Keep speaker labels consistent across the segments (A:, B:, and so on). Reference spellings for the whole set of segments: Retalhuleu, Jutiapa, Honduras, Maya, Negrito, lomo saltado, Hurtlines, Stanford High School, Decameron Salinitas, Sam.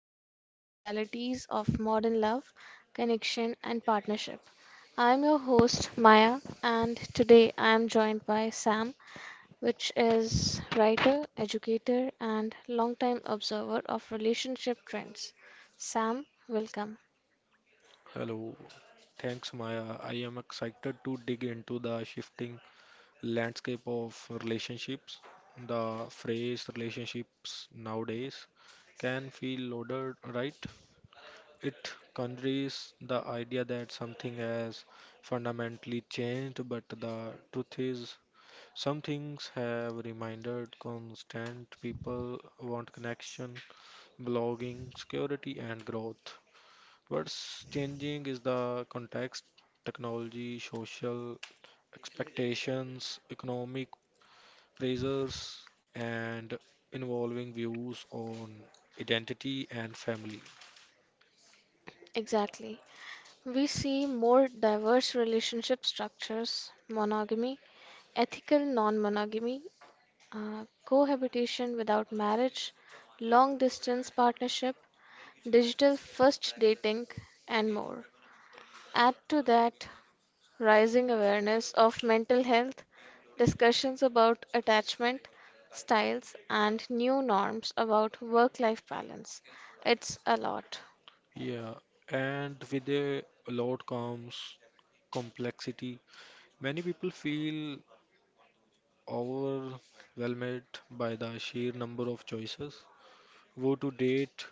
A: we explore the realities of modern love, connection, and partnership. I'm your host, Maya, and today I am joined by Sam, which is writer, educator, and longtime observer of relationship trends. Sam, welcome.
B: Hello. Thanks, Maya. I am excited to dig into the shifting landscape of relationships. The phrase relationships nowadays can feel loaded, right? It conveys the idea that something has fundamentally changed, but the truth is, some things have remained constant. People want connection, belonging, security, and growth. What's changing is the context, technology, social expectations, economic pressures, and evolving views on identity and family.
A: Exactly. We see more diverse relationship structures, monogamy, ethical non monogamy, cohabitation without marriage, long distance partnership, digital first dating, and more. Add to that rising awareness of mental health, discussions about attachment styles, and new norms about work life balance. It's a lot.
B: Yeah, and with a lot comes complexity. Many people feel overwhelmed by the sheer number of choices, go to date,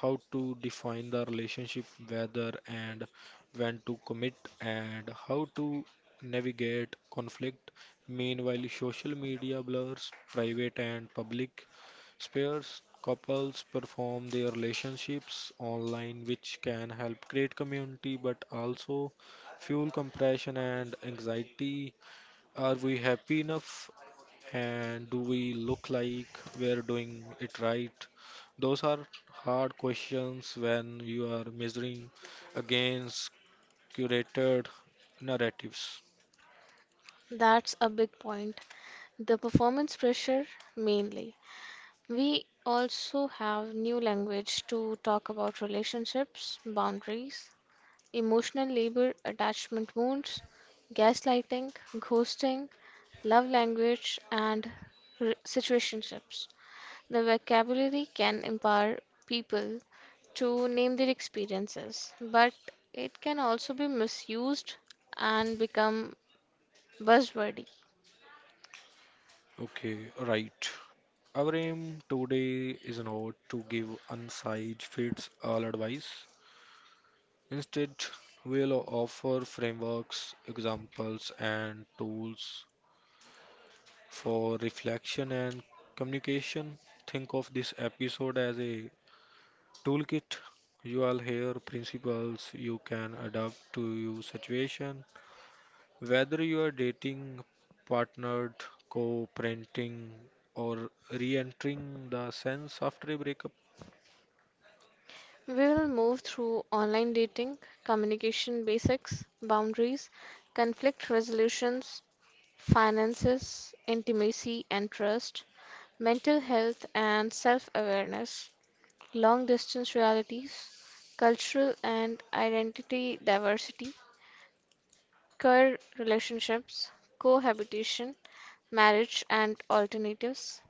B: how to define the relationship, whether and when to commit, and how to navigate conflict. Meanwhile, social media blurs private and public spheres. Couples perform their relationships online, which can help create community but also fuel compression and anxiety. Are we happy enough? And do we look like we're doing it right? Those are hard questions when you are measuring against curated narratives.
A: That's a big point. The performance pressure mainly. We also have new language to talk about relationships, boundaries, emotional labor, attachment wounds, gaslighting, ghosting, love language, and situationships. The vocabulary can empower people to name their experiences, but it can also be misused and become buzzwordy.
B: Okay, right. Our aim today is not to give one-size fits all advice. Instead, we'll offer frameworks, examples, and tools for reflection and communication. Think of this episode as a toolkit. You will hear principles you can adapt to your situation, whether you are dating, partnered, co parenting, or re entering the sense after a breakup.
A: We will move through online dating, communication basics, boundaries, conflict resolutions, finances, intimacy, and trust, mental health and self awareness, long distance realities, cultural and identity diversity, queer relationships, cohabitation, marriage and alternatives,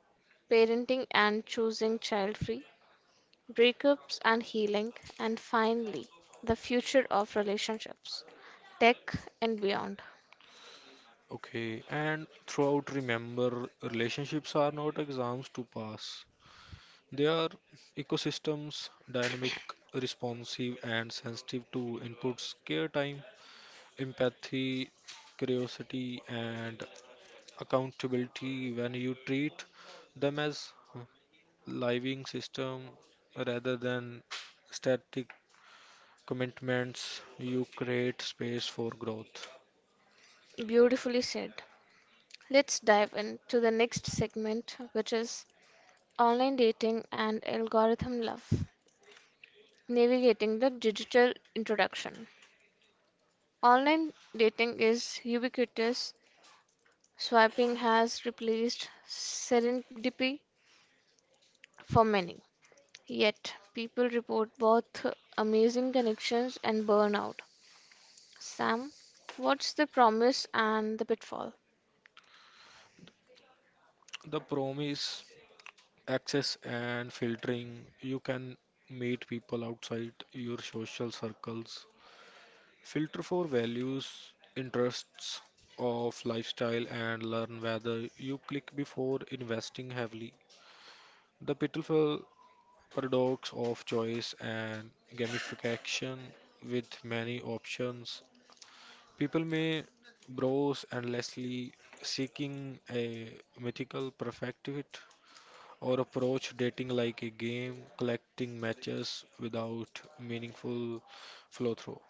A: parenting and choosing child free, breakups and healing, and finally, the future of relationships, tech and beyond.
B: Okay, and throughout, remember relationships are not exams to pass. They are ecosystems, dynamic, responsive, and sensitive to inputs, care time, empathy, curiosity, and accountability. When you treat them as living system rather than static commitments, you create space for growth.
A: Beautifully said. Let's dive into the next segment, which is online dating and algorithm love, navigating the digital introduction. Online dating is ubiquitous. Swiping has replaced serendipity for many. Yet, people report both amazing connections and burnout. Sam, what's the promise and the pitfall?
B: The promise, access and filtering. You can meet people outside your social circles, filter for values, interests, of lifestyle, and learn whether you click before investing heavily. The pitfall, paradox of choice and gamification. With many options, people may browse endlessly seeking a mythical perfect fit, or approach dating like a game, collecting matches without meaningful flow through.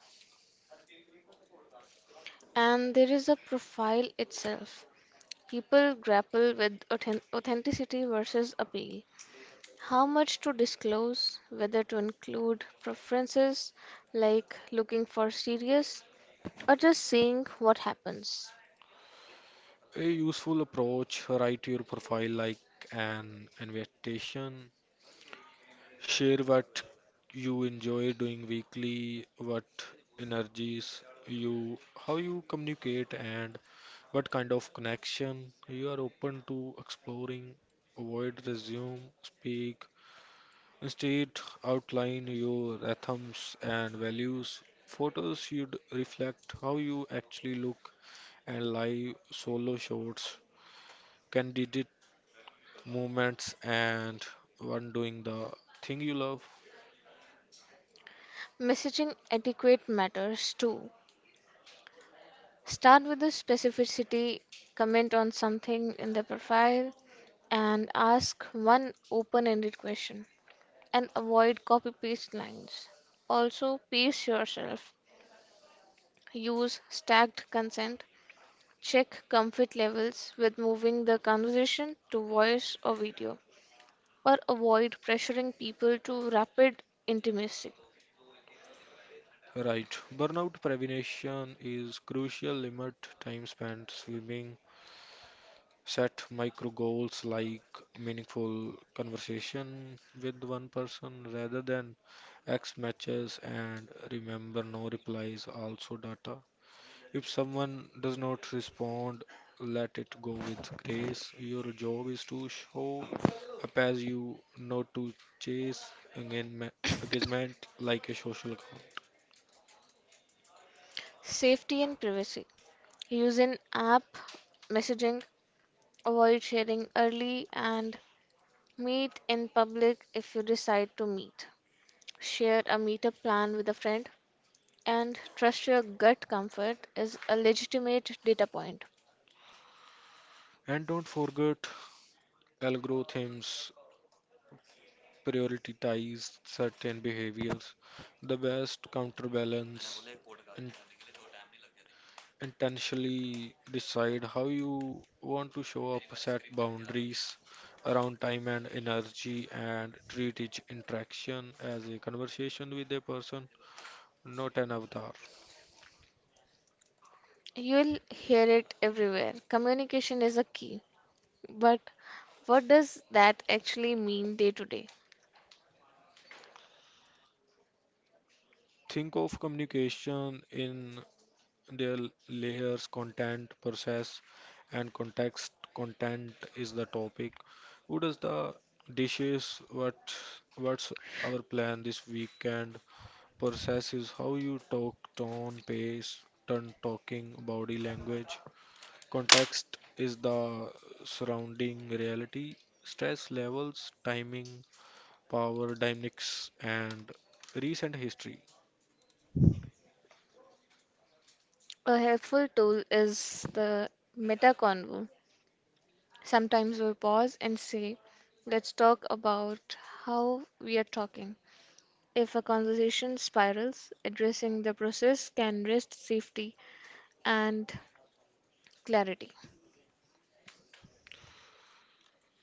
A: And there is a profile itself. People grapple with authenticity versus appeal. How much to disclose, whether to include preferences like looking for serious or just seeing what happens.
B: A useful approach, write your profile like an invitation. Share what you enjoy doing weekly, what energies you, how you communicate, and what kind of connection you are open to exploring. Avoid resume, speak. Instead, outline your rhythms and values. Photos should reflect how you actually look, and live solo shots, candid moments, and one doing the thing you love.
A: Messaging etiquette matters too. Start with the specificity, comment on something in the profile, and ask one open ended question. And avoid copy paste lines. Also, pace yourself. Use stacked consent. Check comfort levels with moving the conversation to voice or video, or avoid pressuring people to rapid intimacy.
B: Right. Burnout prevention is crucial. Limit time spent swimming. Set micro goals like meaningful conversation with one person rather than X matches, and remember no replies also data. If someone does not respond, let it go with grace. Your job is to show up as you, not to chase engagement engagement like a social account.
A: Safety and privacy. Use in app messaging, avoid sharing early, and meet in public if you decide to meet. Share a meetup plan with a friend, and trust your gut comfort is a legitimate data point.
B: And don't forget, algorithms prioritize certain behaviors. The best counterbalance, in- intentionally decide how you want to show up, set boundaries around time and energy, and treat each interaction as a conversation with a person, not an avatar.
A: You'll hear it everywhere. Communication is a key, but what does that actually mean day to day?
B: Think of communication in their layers, content, process, and context. Content is the topic. Who does the dishes? What's our plan this weekend? Process is how you talk, tone, pace, turn talking, body language. Context is the surrounding reality, stress levels, timing, power dynamics, and recent history.
A: A helpful tool is the meta convo. Sometimes we pause and say, let's talk about how we are talking. If a conversation spirals, addressing the process can rest safety and clarity.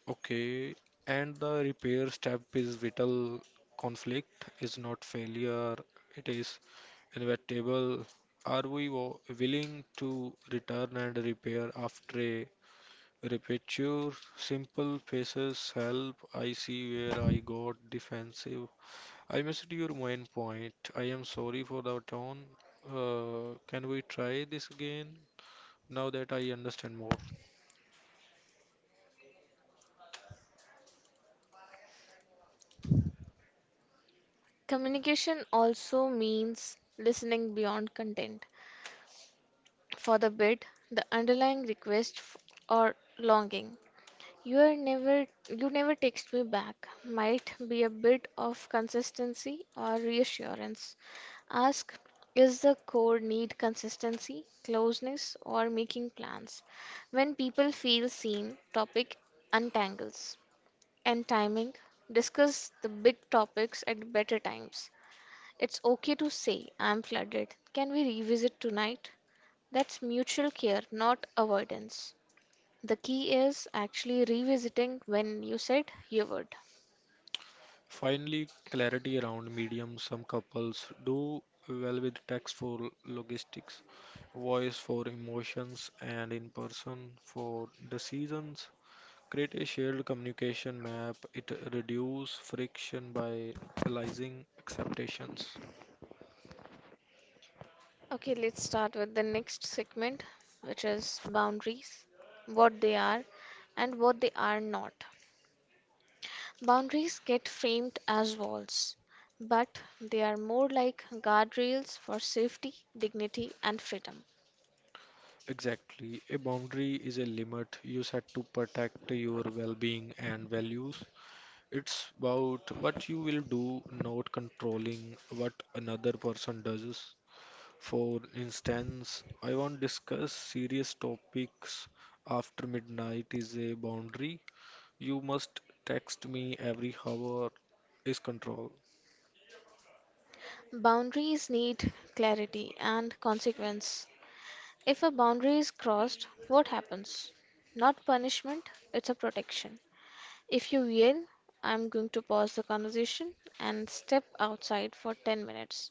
B: Okay, and the repair step is vital. Conflict is not failure, it is inevitable. Are we willing to return and repair after a repetitive simple faces help? I see where I got defensive. I missed your main point. I am sorry for the tone. Can we try this again now that I understand more?
A: Communication also means listening beyond content. For the bid, the underlying request or longing. You never text me back. Might be a bit of consistency or reassurance. Ask, is the core need consistency, closeness, or making plans? When people feel seen, topic untangles. And timing, discuss the big topics at better times. It's okay to say, I'm flooded. Can we revisit tonight? That's mutual care, not avoidance. The key is actually revisiting when you said you would.
B: Finally, clarity around medium. Some couples do well with text for logistics, voice for emotions, and in person for decisions. Create a shared communication map. It reduces friction by realizing acceptations.
A: Okay, let's start with the next segment, which is boundaries, what they are and what they are not. Boundaries get framed as walls, but they are more like guardrails for safety, dignity, and freedom.
B: Exactly. A boundary is a limit you set to protect your well being and values. It's about what you will do, not controlling what another person does. For instance, I won't discuss serious topics after midnight is a boundary. You must text me every hour is control.
A: Boundaries need clarity and consequence. If a boundary is crossed, what happens? Not punishment, it's a protection. If you yell, I'm going to pause the conversation and step outside for 10 minutes.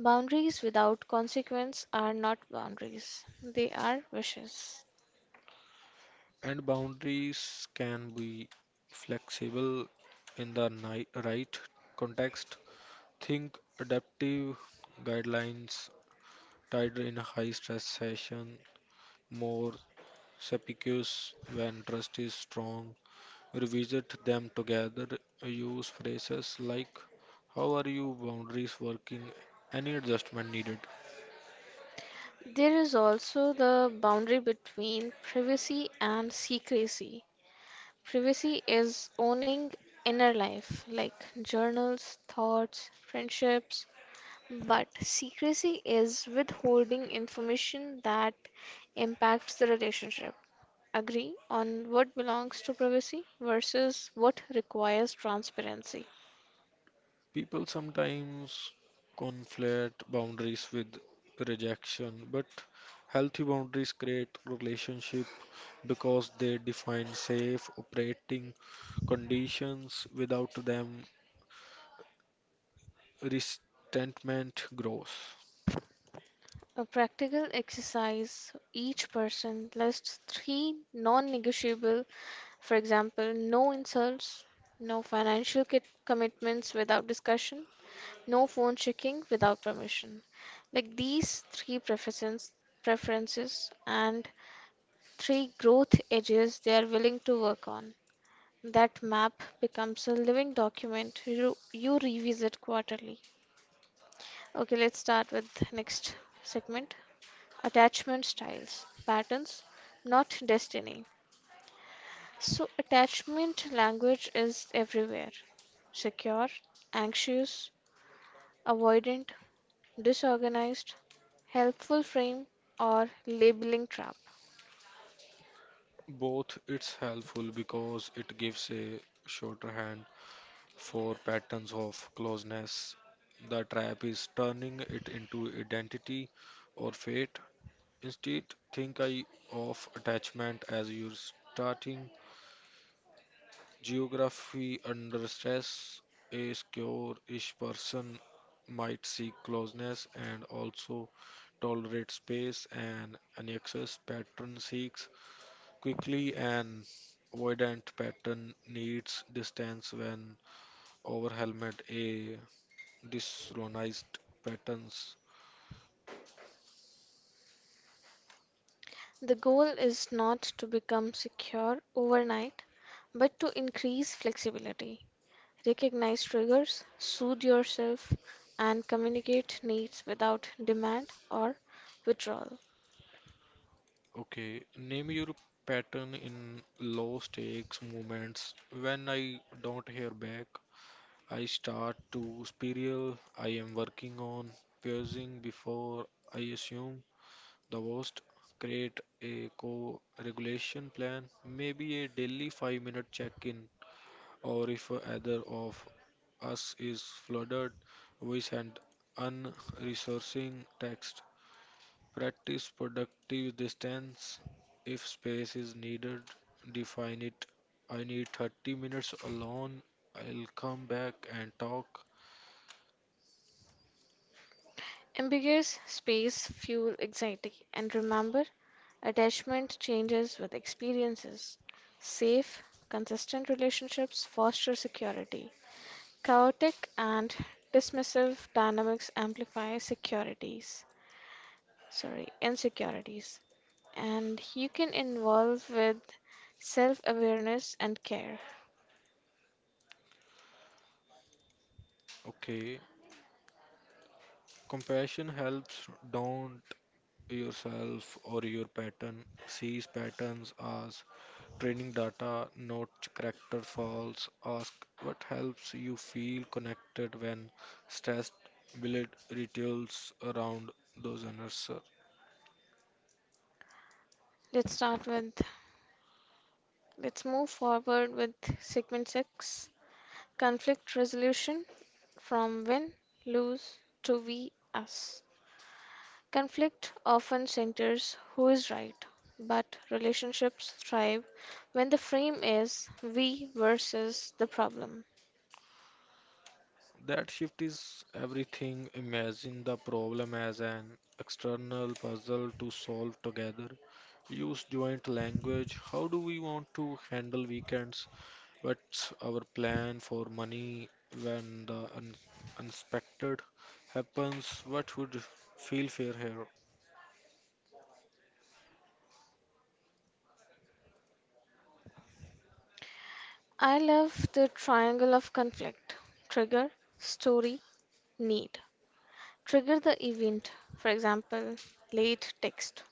A: Boundaries without consequence are not boundaries, they are wishes.
B: And boundaries can be flexible in the right context. Think adaptive guidelines, tighter in a high stress session, more specious when trust is strong. Revisit them together. Use phrases like, how are you boundaries working? Any adjustment needed?
A: There is also the boundary between privacy and secrecy. Privacy is owning inner life, like journals, thoughts, friendships. But secrecy is withholding information that impacts the relationship. Agree on what belongs to privacy versus what requires transparency.
B: People sometimes conflate boundaries with rejection, but healthy boundaries create relationship because they define safe operating conditions. Without them, resentment grows.
A: A practical exercise each person lists three non negotiable, for example, no insults, no commitments without discussion, no phone checking without permission. Like these three preferences and three growth edges they are willing to work on. That map becomes a living document you revisit quarterly. Okay, let's start with next segment attachment styles, patterns, not destiny. So, attachment language is everywhere secure, anxious, avoidant, disorganized, helpful frame, or labeling trap.
B: Both. It's helpful because it gives a shorter hand for patterns of closeness. The trap is turning it into identity or fate. Instead, think I of attachment as your starting geography under stress. A secure-ish person might seek closeness and also tolerate space, and an excess pattern seeks quickly, and avoidant pattern needs distance when overwhelmed, a disorganized patterns.
A: The goal is not to become secure overnight, but to increase flexibility. Recognize triggers, soothe yourself, and communicate needs without demand or withdrawal.
B: Okay, name your pattern in low stakes moments. When I don't hear back, I start to spiral. I am working on pausing before I assume the worst. Create a co regulation plan, maybe a daily 5-minute check in, or if either of us is flooded, we send unresourcing text. Practice productive distance. If space is needed, define it. I need 30 minutes alone. I'll come back and talk.
A: Ambiguous space fuel anxiety, and remember, attachment changes with experiences. Safe, consistent relationships foster security. Chaotic and dismissive dynamics amplify securities, sorry, insecurities, and you can involve with self awareness and care.
B: Okay. Compassion helps. Don't yourself or your pattern. Sees patterns as training data, not character faults. Ask what helps you feel connected when stressed. Build rituals around those answers.
A: Let's start with, let's move forward with segment 6 conflict resolution from win, lose to we, us. Conflict often centers who is right, but relationships thrive when the frame is we versus the problem.
B: That shift is everything. Imagine the problem as an external puzzle to solve together. Use joint language. How do we want to handle weekends? What's our plan for money when the unexpected happens? What would feel fair here?
A: I love the triangle of conflict trigger, story, need. Trigger the event, for example, late text.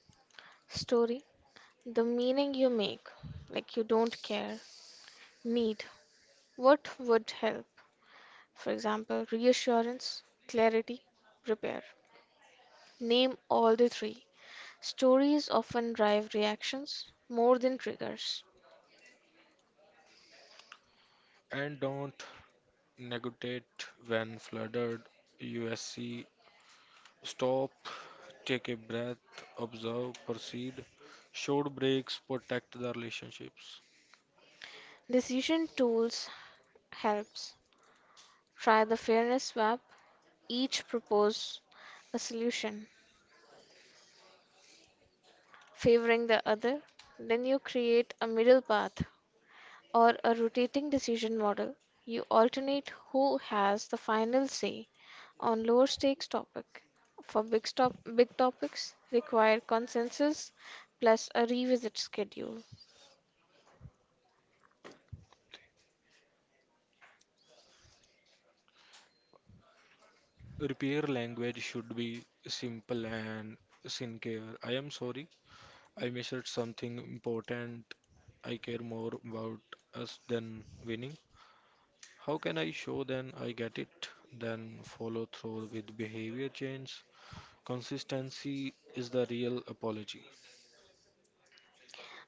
A: Story the meaning you make, like you don't care, need, what would help? For example, reassurance, clarity, repair. Name all the three. Stories often drive reactions more than triggers.
B: And don't negotiate when flooded. USC stop, take a breath, observe, proceed. Short breaks protect the relationships.
A: Decision tools helps. Try the fairness swap. Each propose a solution favoring the other. Then you create a middle path or a rotating decision model. You alternate who has the final say on lower stakes topic for big topics require consensus plus a revisit schedule.
B: Repair language should be simple and sincere. I am sorry, I missed something important. I care more about us than winning. How can I show then I get it? Then follow through with behavior change. Consistency is the real apology.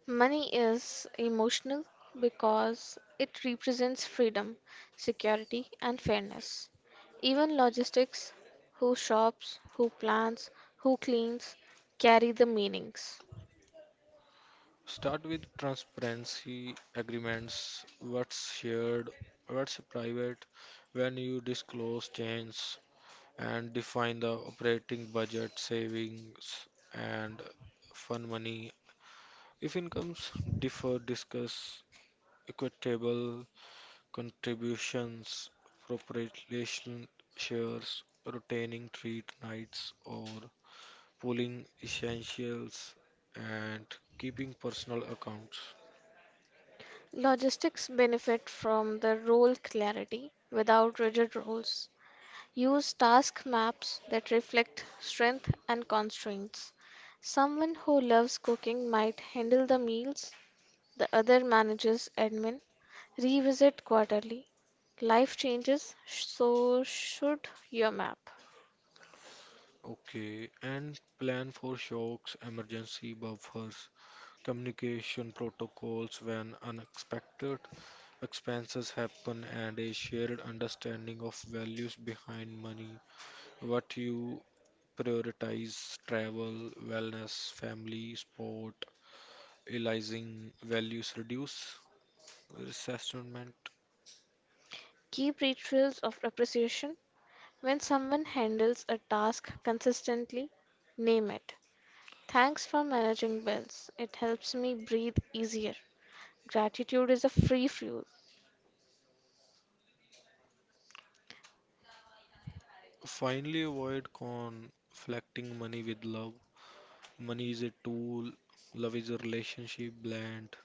A: Money is emotional because it represents freedom, security and fairness. Even logistics, who shops, who plans, who cleans, carry the meanings.
B: Start with transparency agreements. What's shared, what's private, when you disclose change, and define the operating budget, savings, and fund money. If incomes differ, discuss equitable contributions, proportional shares, rotating treat nights, or pooling essentials, and keeping personal accounts.
A: Logistics benefit from the role clarity without rigid roles. Use task maps that reflect strength and constraints. Someone who loves cooking might handle the meals, the other manages admin. Revisit quarterly. Life changes, so should your map.
B: Okay, and plan for shocks, emergency buffers, communication protocols when unexpected expenses happen, and a shared understanding of values behind money. What you prioritize, travel, wellness, family, sport, realizing values reduce resentment.
A: Keep rituals of appreciation. When someone handles a task consistently, name it. Thanks for managing bills. It helps me breathe easier. Gratitude is a free fuel.
B: Finally, avoid conflicting money with love. Money is a tool, love is a relationship. Blend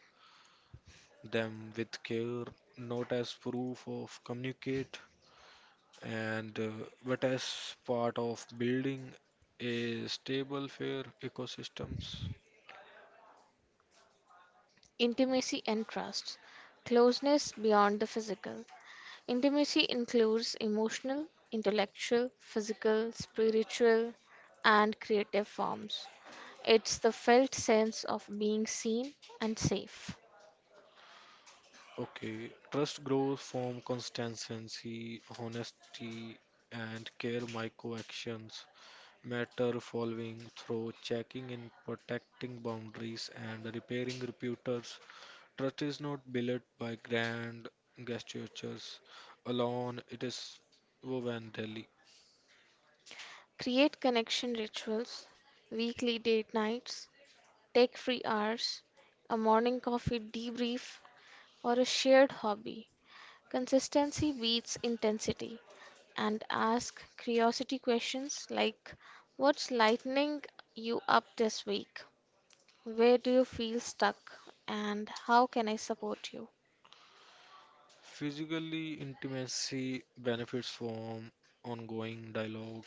B: them with care, not as proof of communicate, and but as part of building a stable, fair ecosystems.
A: Intimacy and trust. Closeness beyond the physical. Intimacy includes emotional, intellectual, physical, spiritual, and creative forms. It's the felt sense of being seen and safe.
B: Okay, trust grows from consistency, honesty, and care. Micro actions matter, following through, checking in, protecting boundaries, and repairing reputers. Trust is not built by grand gestures alone, it is woven daily.
A: Create connection rituals, weekly date nights, tech free hours, a morning coffee debrief, or a shared hobby. Consistency beats intensity. And ask curiosity questions like what's lightening you up this week? Where do you feel stuck? And how can I support you?
B: Physically, intimacy benefits from ongoing dialogue,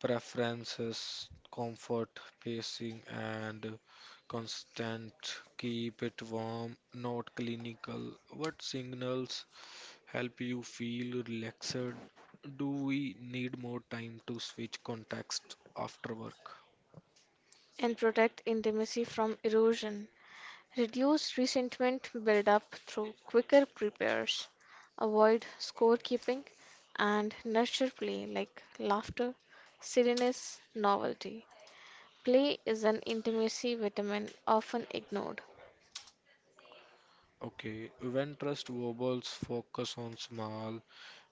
B: preferences, comfort, pacing, and constant. Keep it warm, not clinical. What signals help you feel relaxed? Do we need more time to switch context after work?
A: And protect intimacy from erosion. Reduce resentment buildup through quicker repairs. Avoid scorekeeping and nurture play like laughter, silliness, novelty. Play is an intimacy vitamin often ignored.
B: Okay, when trust wobbles, focus on small,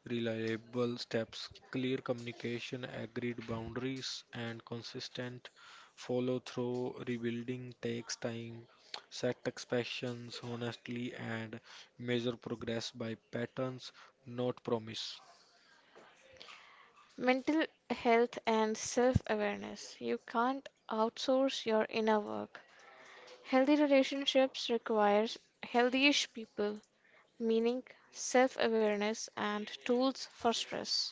B: reliable steps, clear communication, agreed boundaries, and consistent follow through. Rebuilding takes time. Set expectations honestly and measure progress by patterns, not promise.
A: Mental health and self awareness. You can't outsource your inner work. Healthy relationships requires ish people, meaning self awareness and tools for stress.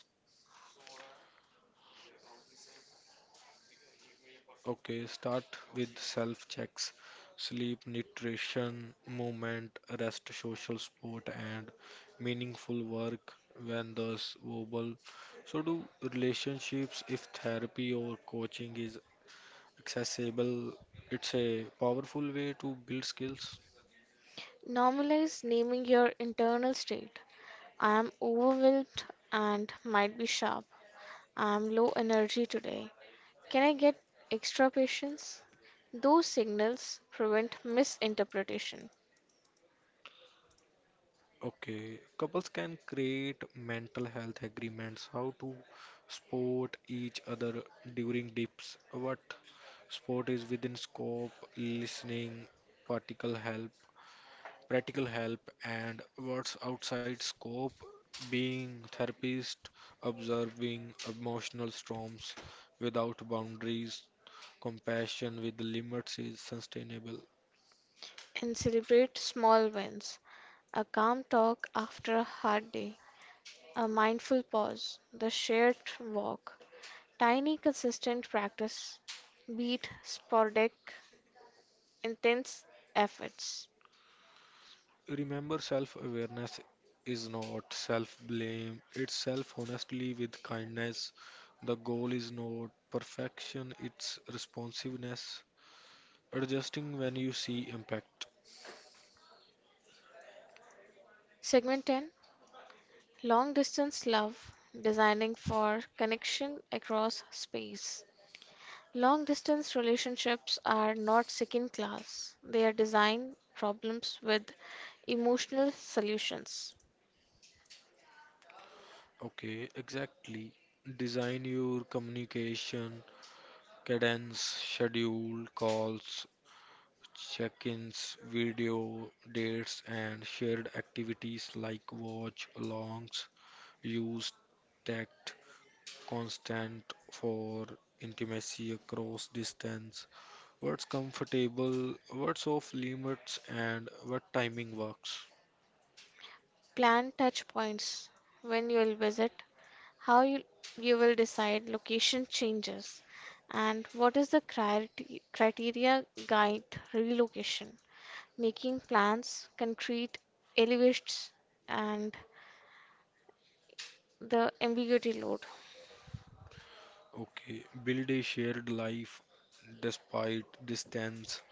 B: Okay, start with self checks, sleep, nutrition, movement, rest, social support, and meaningful work when thus verbal. So, do relationships if therapy or coaching is accessible? It's a powerful way to build skills.
A: Normalize naming your internal state. I am overwhelmed and might be sharp. I am low energy today. Can I get extra patience? Those signals prevent misinterpretation
B: Okay, couples can create mental health agreements, how to support each other during dips, what support is within scope, listening, practical help, and what's outside scope, being therapist, observing emotional storms without boundaries, compassion with limits is sustainable.
A: and celebrate small wins. A calm talk after a hard day, a mindful pause, the shared walk, tiny consistent practice beat sporadic intense efforts.
B: Remember, self awareness is not self blame, it's self honestly with kindness. The goal is not perfection, it's responsiveness. Adjusting when you see impact.
A: Segment 10 Long Distance Love Designing for Connection Across Space. Long distance relationships are not second class, they are design problems with emotional solutions.
B: Okay, exactly. Design your communication, cadence, schedule, calls, check ins, video, dates, and shared activities like watch alongs. Use tag constant for intimacy across distance, what's comfortable, what's off limits, and what timing works.
A: Plan touch points when you will visit, how you will decide location changes, and what is the criteria, criteria guide relocation, making plans, concrete elevates, and the ambiguity load,
B: Okay, build a shared life despite distance.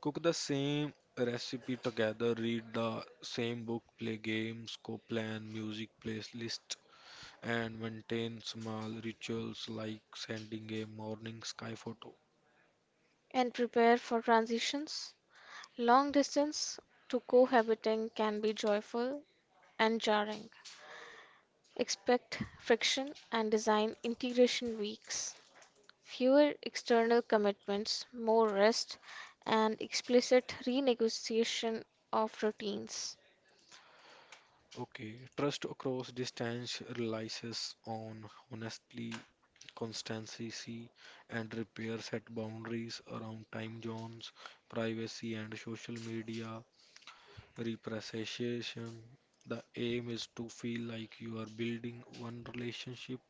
B: Cook the same recipe together, read the same book, play games, co plan music playlist, and maintain small rituals like sending a morning sky photo.
A: and prepare for transitions. Long distance to cohabiting can be joyful and jarring. Expect friction and design integration weeks. Fewer external commitments, more rest, and explicit renegotiation of routines.
B: Okay, trust across distance relies on honestly, constancy, and repair. Set boundaries around time zones, privacy, and social media representation. The aim is to feel like you are building one relationship,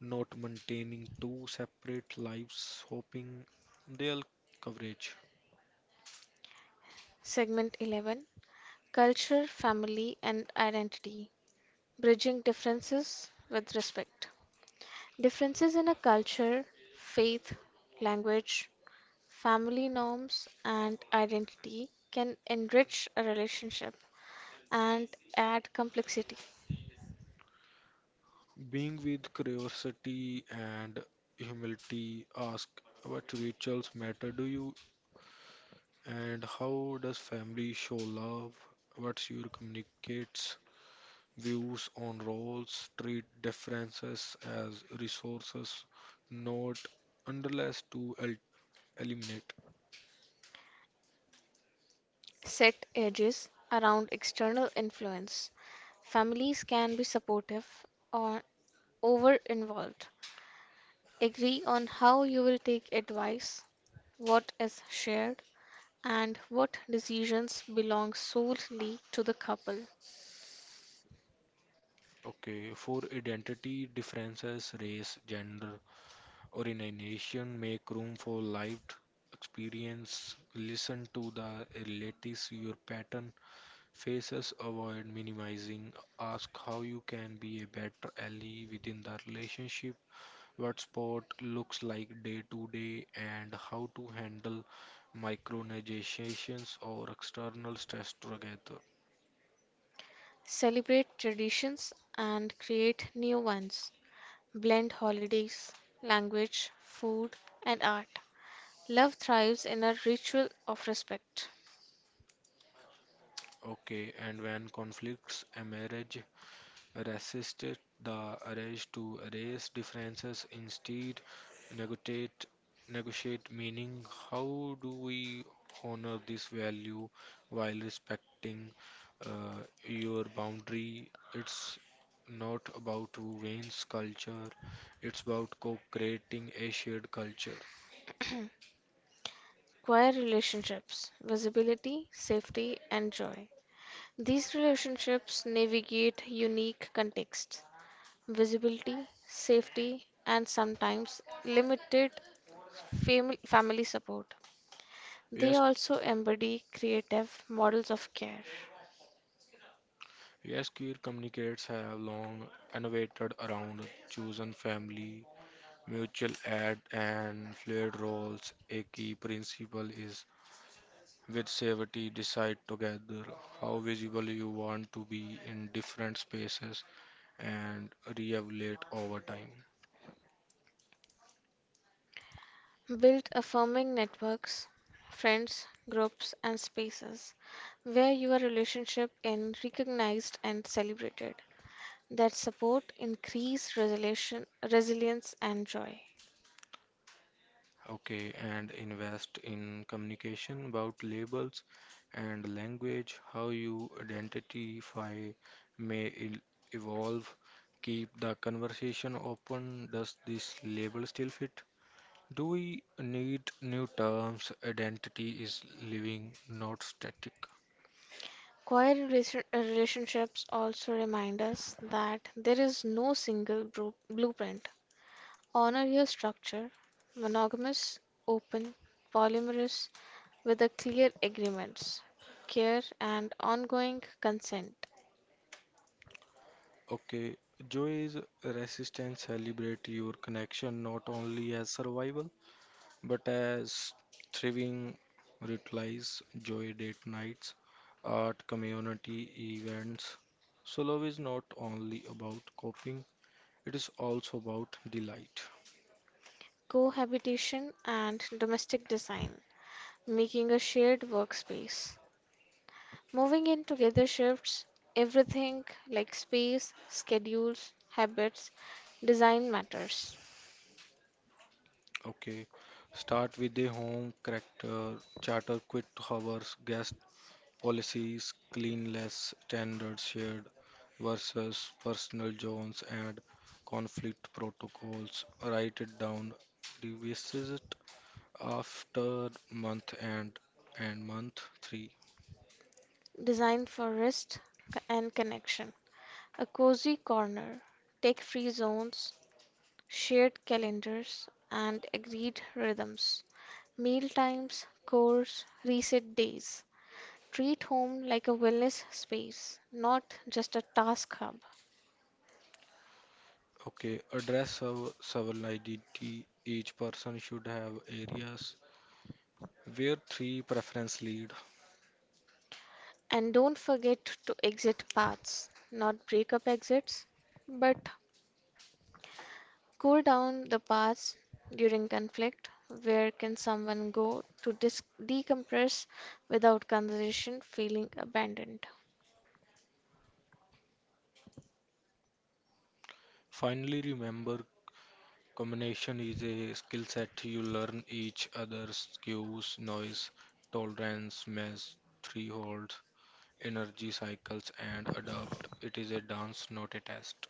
B: not maintaining two separate lives, hoping they'll coverage.
A: Segment 11 Culture, Family, and Identity Bridging Differences with Respect. Differences in a culture, faith, language, family norms, and identity can enrich a relationship and add complexity.
B: Being with curiosity and humility, ask what rituals matter to you and how does family show love? What's your communicates views on roles? Treat differences as resources, not unless to el eliminate.
A: Set edges around external influence. Families can be supportive or over involved. Agree on how you will take advice, what is shared, and what decisions belong solely to the couple.
B: Okay, for identity differences, race, gender, or in a nation, make room for lived experience. Listen to the latest your pattern faces. Avoid minimizing. Ask how you can be a better ally within the relationship. What sport looks like day to day and how to handle micronegotiations or external stress together.
A: Celebrate traditions and create new ones. Blend holidays, language, food, and art. Love thrives in a ritual of respect.
B: Okay, and when conflicts emerge, resisted the urge to erase differences, instead negotiate negotiate meaning, how do we honor this value while respecting uh, your boundary? It's not about who wins culture, it's about co-creating a shared culture.
A: Choir relationships, visibility, safety, and joy. These relationships navigate unique contexts, visibility, safety, and sometimes limited family support. They
B: Yes,
A: also embody creative models of care,
B: yes, queer communicates have long innovated around chosen family, mutual aid and fluid roles. A key principle is with safety, decide together how visible you want to be in different spaces and re-evaluate over time.
A: build affirming networks, friends, groups, and spaces where your relationship is recognized and celebrated that support increase resilience and joy.
B: Okay, and invest in communication about labels and language, how you identify may el- evolve. Keep the conversation open. Does this label still fit? Do we need new terms? Identity is living, not static.
A: Choir relationships also remind us that there is no single blueprint. Honor your structure monogamous, open, polyamorous, with a clear agreements, care and ongoing consent,
B: Okay, joy is resistance. Celebrate your connection not only as survival but as thriving. Ritualize joy date nights, art, community events. So, love is not only about coping, it is also about delight.
A: cohabitation and domestic design, making a shared workspace. Moving in together shifts everything like space, schedules, habits, design matters.
B: Okay, start with the charter quit hours, guest policies, cleanliness standards shared versus personal zones and conflict protocols. Write it down. Revisit after month and month three.
A: Designed for rest and connection. A cozy corner, tech free zones, shared calendars, and agreed rhythms. Meal times, chores, reset days. Treat home like a wellness space, not just a task hub.
B: Okay, address our several identity. Each person should have areas where three preference lead.
A: And don't forget to exit paths, not breakup exits, but cool down the paths during conflict. Where can someone go to decompress without conversation feeling abandoned?
B: Finally, remember combination is a skill set you learn each other's cues, noise tolerance, mass thresholds, energy cycles, and adapt. It is a dance, not a test.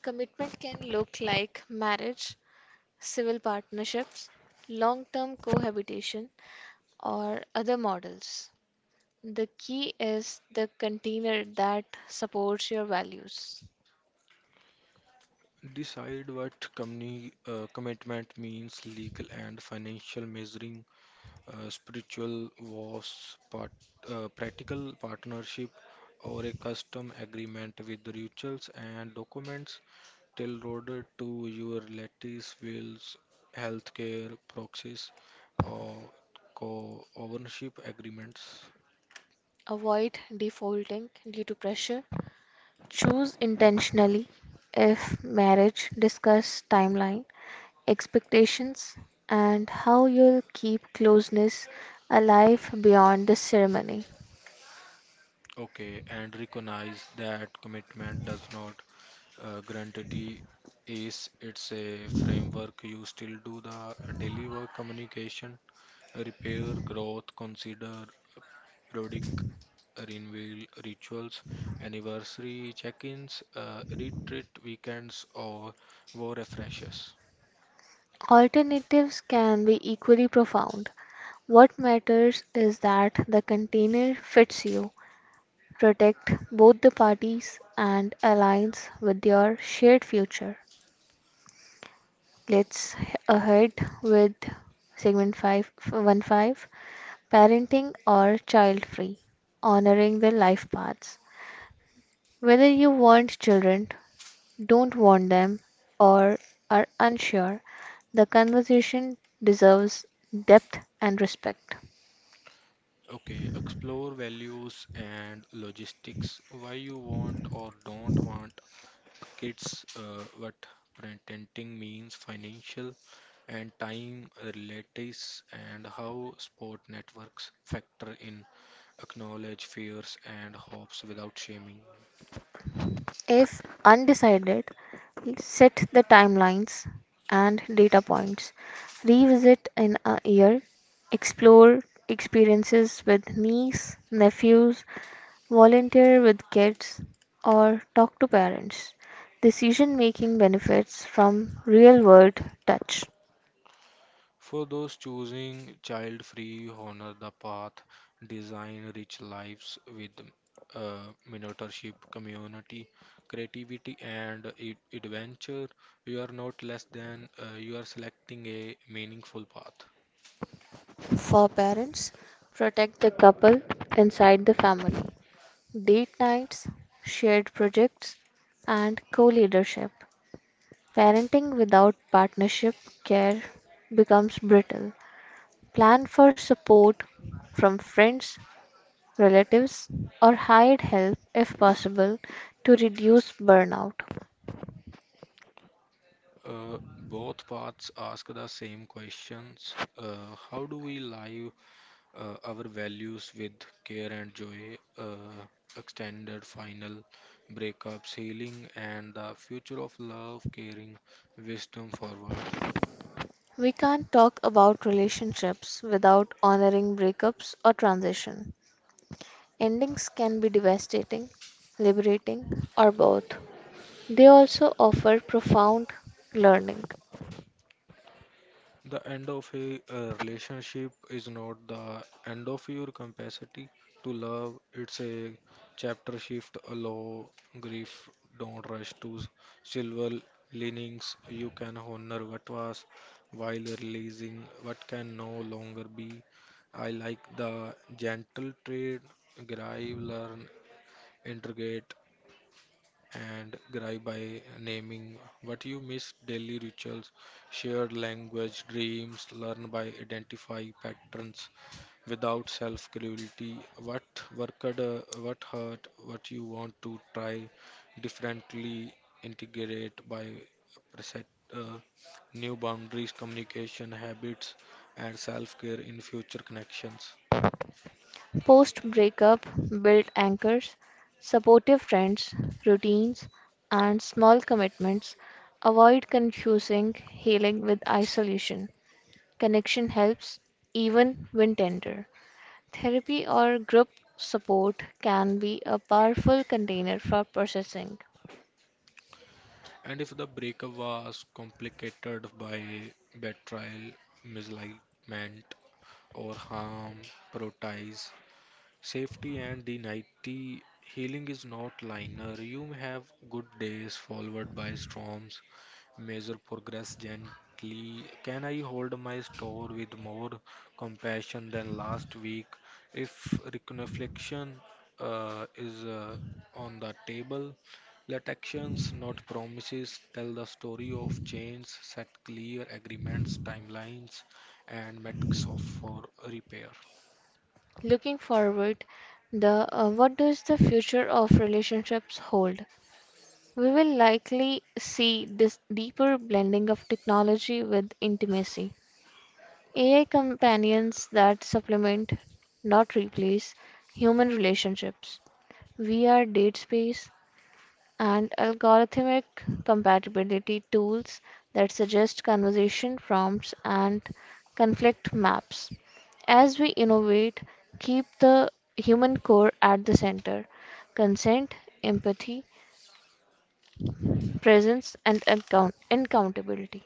A: Commitment can look like marriage, civil partnerships, long term cohabitation, or other models. The key is the container that supports your values.
B: Decide what company commitment means, legal and financial measuring spiritual was part, practical partnership or a custom agreement with the rituals and documents tailored to your latest wills, healthcare proxies, or co-ownership agreements.
A: Avoid defaulting due to pressure. Choose intentionally if marriage discuss timeline expectations, and how you'll keep closeness alive beyond the ceremony.
B: Okay, and recognize that commitment does not guarantee is it's a framework. You still do the daily work, communication, repair, growth. Consider periodic renewal rituals, anniversary check-ins, retreat weekends, or war refreshes.
A: Alternatives can be equally profound. What matters is that the container fits you, protect both the parties, and aligns with your shared future. Let's h- ahead with segment 515, parenting or child free honoring the life paths whether you want children don't want them, or are unsure, the conversation deserves depth and respect.
B: Okay, explore values and logistics, why you want or don't want kids, what parenting means, financial and time relatives, and how sport networks factor in, acknowledge fears and hopes without shaming.
A: If undecided, set the timelines and data points. Revisit in a year. Explore experiences with niece, nephews, volunteer with kids, or talk to parents. Decision making benefits from real world touch.
B: For those choosing child free, honor the path, design rich lives with mentorship, community, creativity, and adventure. You are not less than, you are selecting a meaningful path.
A: For parents, protect the couple inside the family. Date nights, shared projects, and co leadership. Parenting without partnership care becomes brittle. Plan for support from friends, relatives, or hired help if possible to reduce burnout.
B: Both paths ask the same questions. Uh, how do we live our values with care and joy, extended final breakups, healing, and the future of love, caring, wisdom forward.
A: We can't talk about relationships without honoring breakups or transition. Endings can be devastating, liberating, or both. They also offer profound learning.
B: The end of a relationship is not the end of your capacity to love. It's a chapter shift. Allow grief. Don't rush to silver linings. You can honor what was while releasing what can no longer be. I like the gentle trade. Grieve, learn, integrate and gripe by naming what you miss, daily rituals, shared language, dreams. Learn by identify patterns without self cruelty, what worked, what hurt, what you want to try differently, integrate by preset. Uh, New boundaries, communication habits, and self care in future connections.
A: Post breakup build anchors, supportive friends, routines, and small commitments. Avoid confusing healing with isolation. Connection helps even when tender. Therapy or group support can be a powerful container for processing.
B: And if the breakup was complicated by betrayal, misalignment, or harm, prioritize safety and the nighty. Healing is not linear. You may have good days followed by storms, measure progress gently. Can I hold my store with more compassion than last week? If reflection is on the table, let actions, not promises, tell the story of change, set clear agreements, timelines, and metrics of for repair.
A: Looking forward, the what does the future of relationships hold? We will likely see this deeper blending of technology with intimacy. AI companions that supplement, not replace, human relationships. VR date space and algorithmic compatibility tools that suggest conversation prompts and conflict maps. As we innovate, keep the human core at the center consent, empathy, presence, and accountability.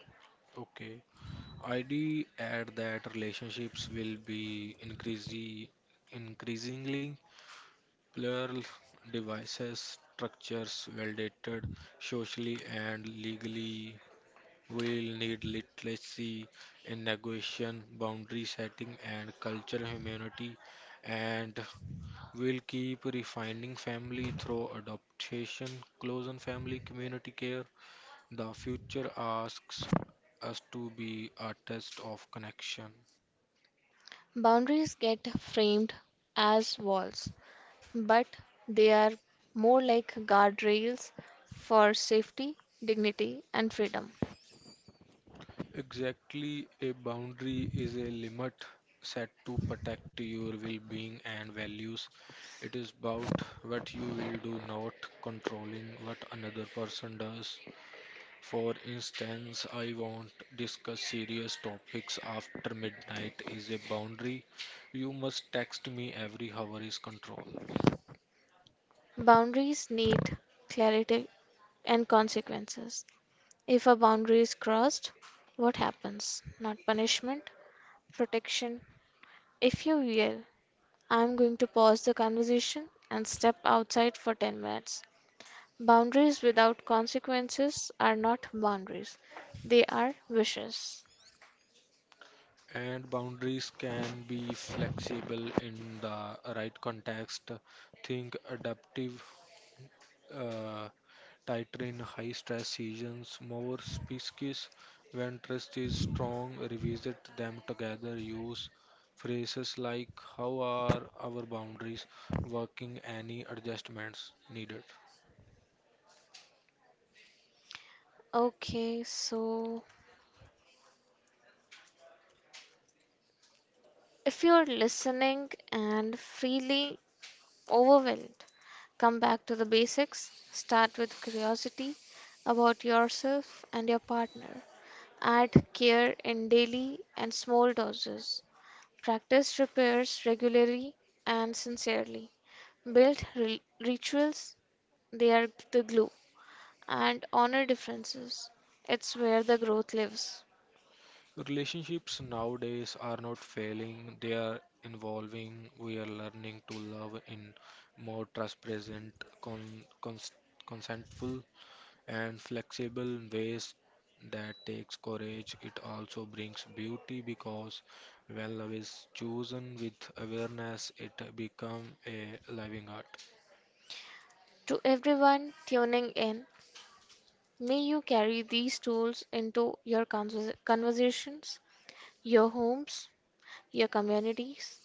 B: Okay. I'd add that relationships will be increasingly plural. Devices, structures, validated socially and legally, will need literacy in negotiation, boundary setting, and cultural humanity, and will keep refining family through adoption, close and family community care. The future asks us to be artists of connection.
A: Boundaries get framed as walls, but they are more like guardrails for safety, dignity, and freedom.
B: Exactly, a boundary is a limit set to protect your well being and values. It is about what you will do, not controlling what another person does. For instance, I won't discuss serious topics after midnight is a boundary. You must text me every hour is control.
A: Boundaries need clarity and consequences. If a boundary is crossed, what happens? Not punishment, protection. If you yell, I'm going to pause the conversation and step outside for 10 minutes. Boundaries without consequences are not boundaries, they are wishes.
B: And boundaries can be flexible in the right context. Think adaptive, uh, tighter in high stress seasons, more species when trust is strong, revisit them together, use phrases like how are our boundaries working, any adjustments needed.
A: Okay, so if you're listening and freely overwhelmed, come back to the basics. Start with curiosity about yourself and your partner. Add care in daily and small doses. Practice repairs regularly and sincerely. Build rituals, they are the glue. And honor differences, it's where the growth lives.
B: Relationships nowadays are not failing, they are evolving. We are learning to love in more trust present, con- cons- consentful and flexible in ways that takes courage. It also brings beauty because when love is chosen with awareness, it become a living art.
A: To everyone tuning in, may you carry these tools into your conversations, your homes, your communities.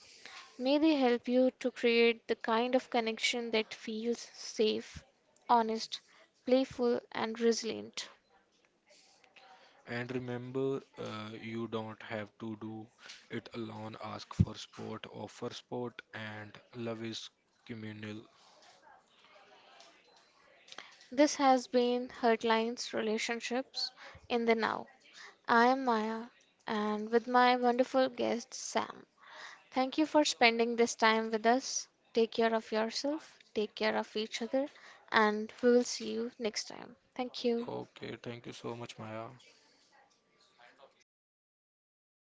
A: May they help you to create the kind of connection that feels safe, honest, playful, and resilient.
B: And remember, you don't have to do it alone. Ask for support, offer support, and love is communal.
A: This has been Hurtlines Relationships in the Now. I am Maya and with my wonderful guest Sam. Thank you for spending this time with us. Take care of yourself, take care of each other, and we will see you next time. Thank you.
B: Okay, thank you so much, Maya.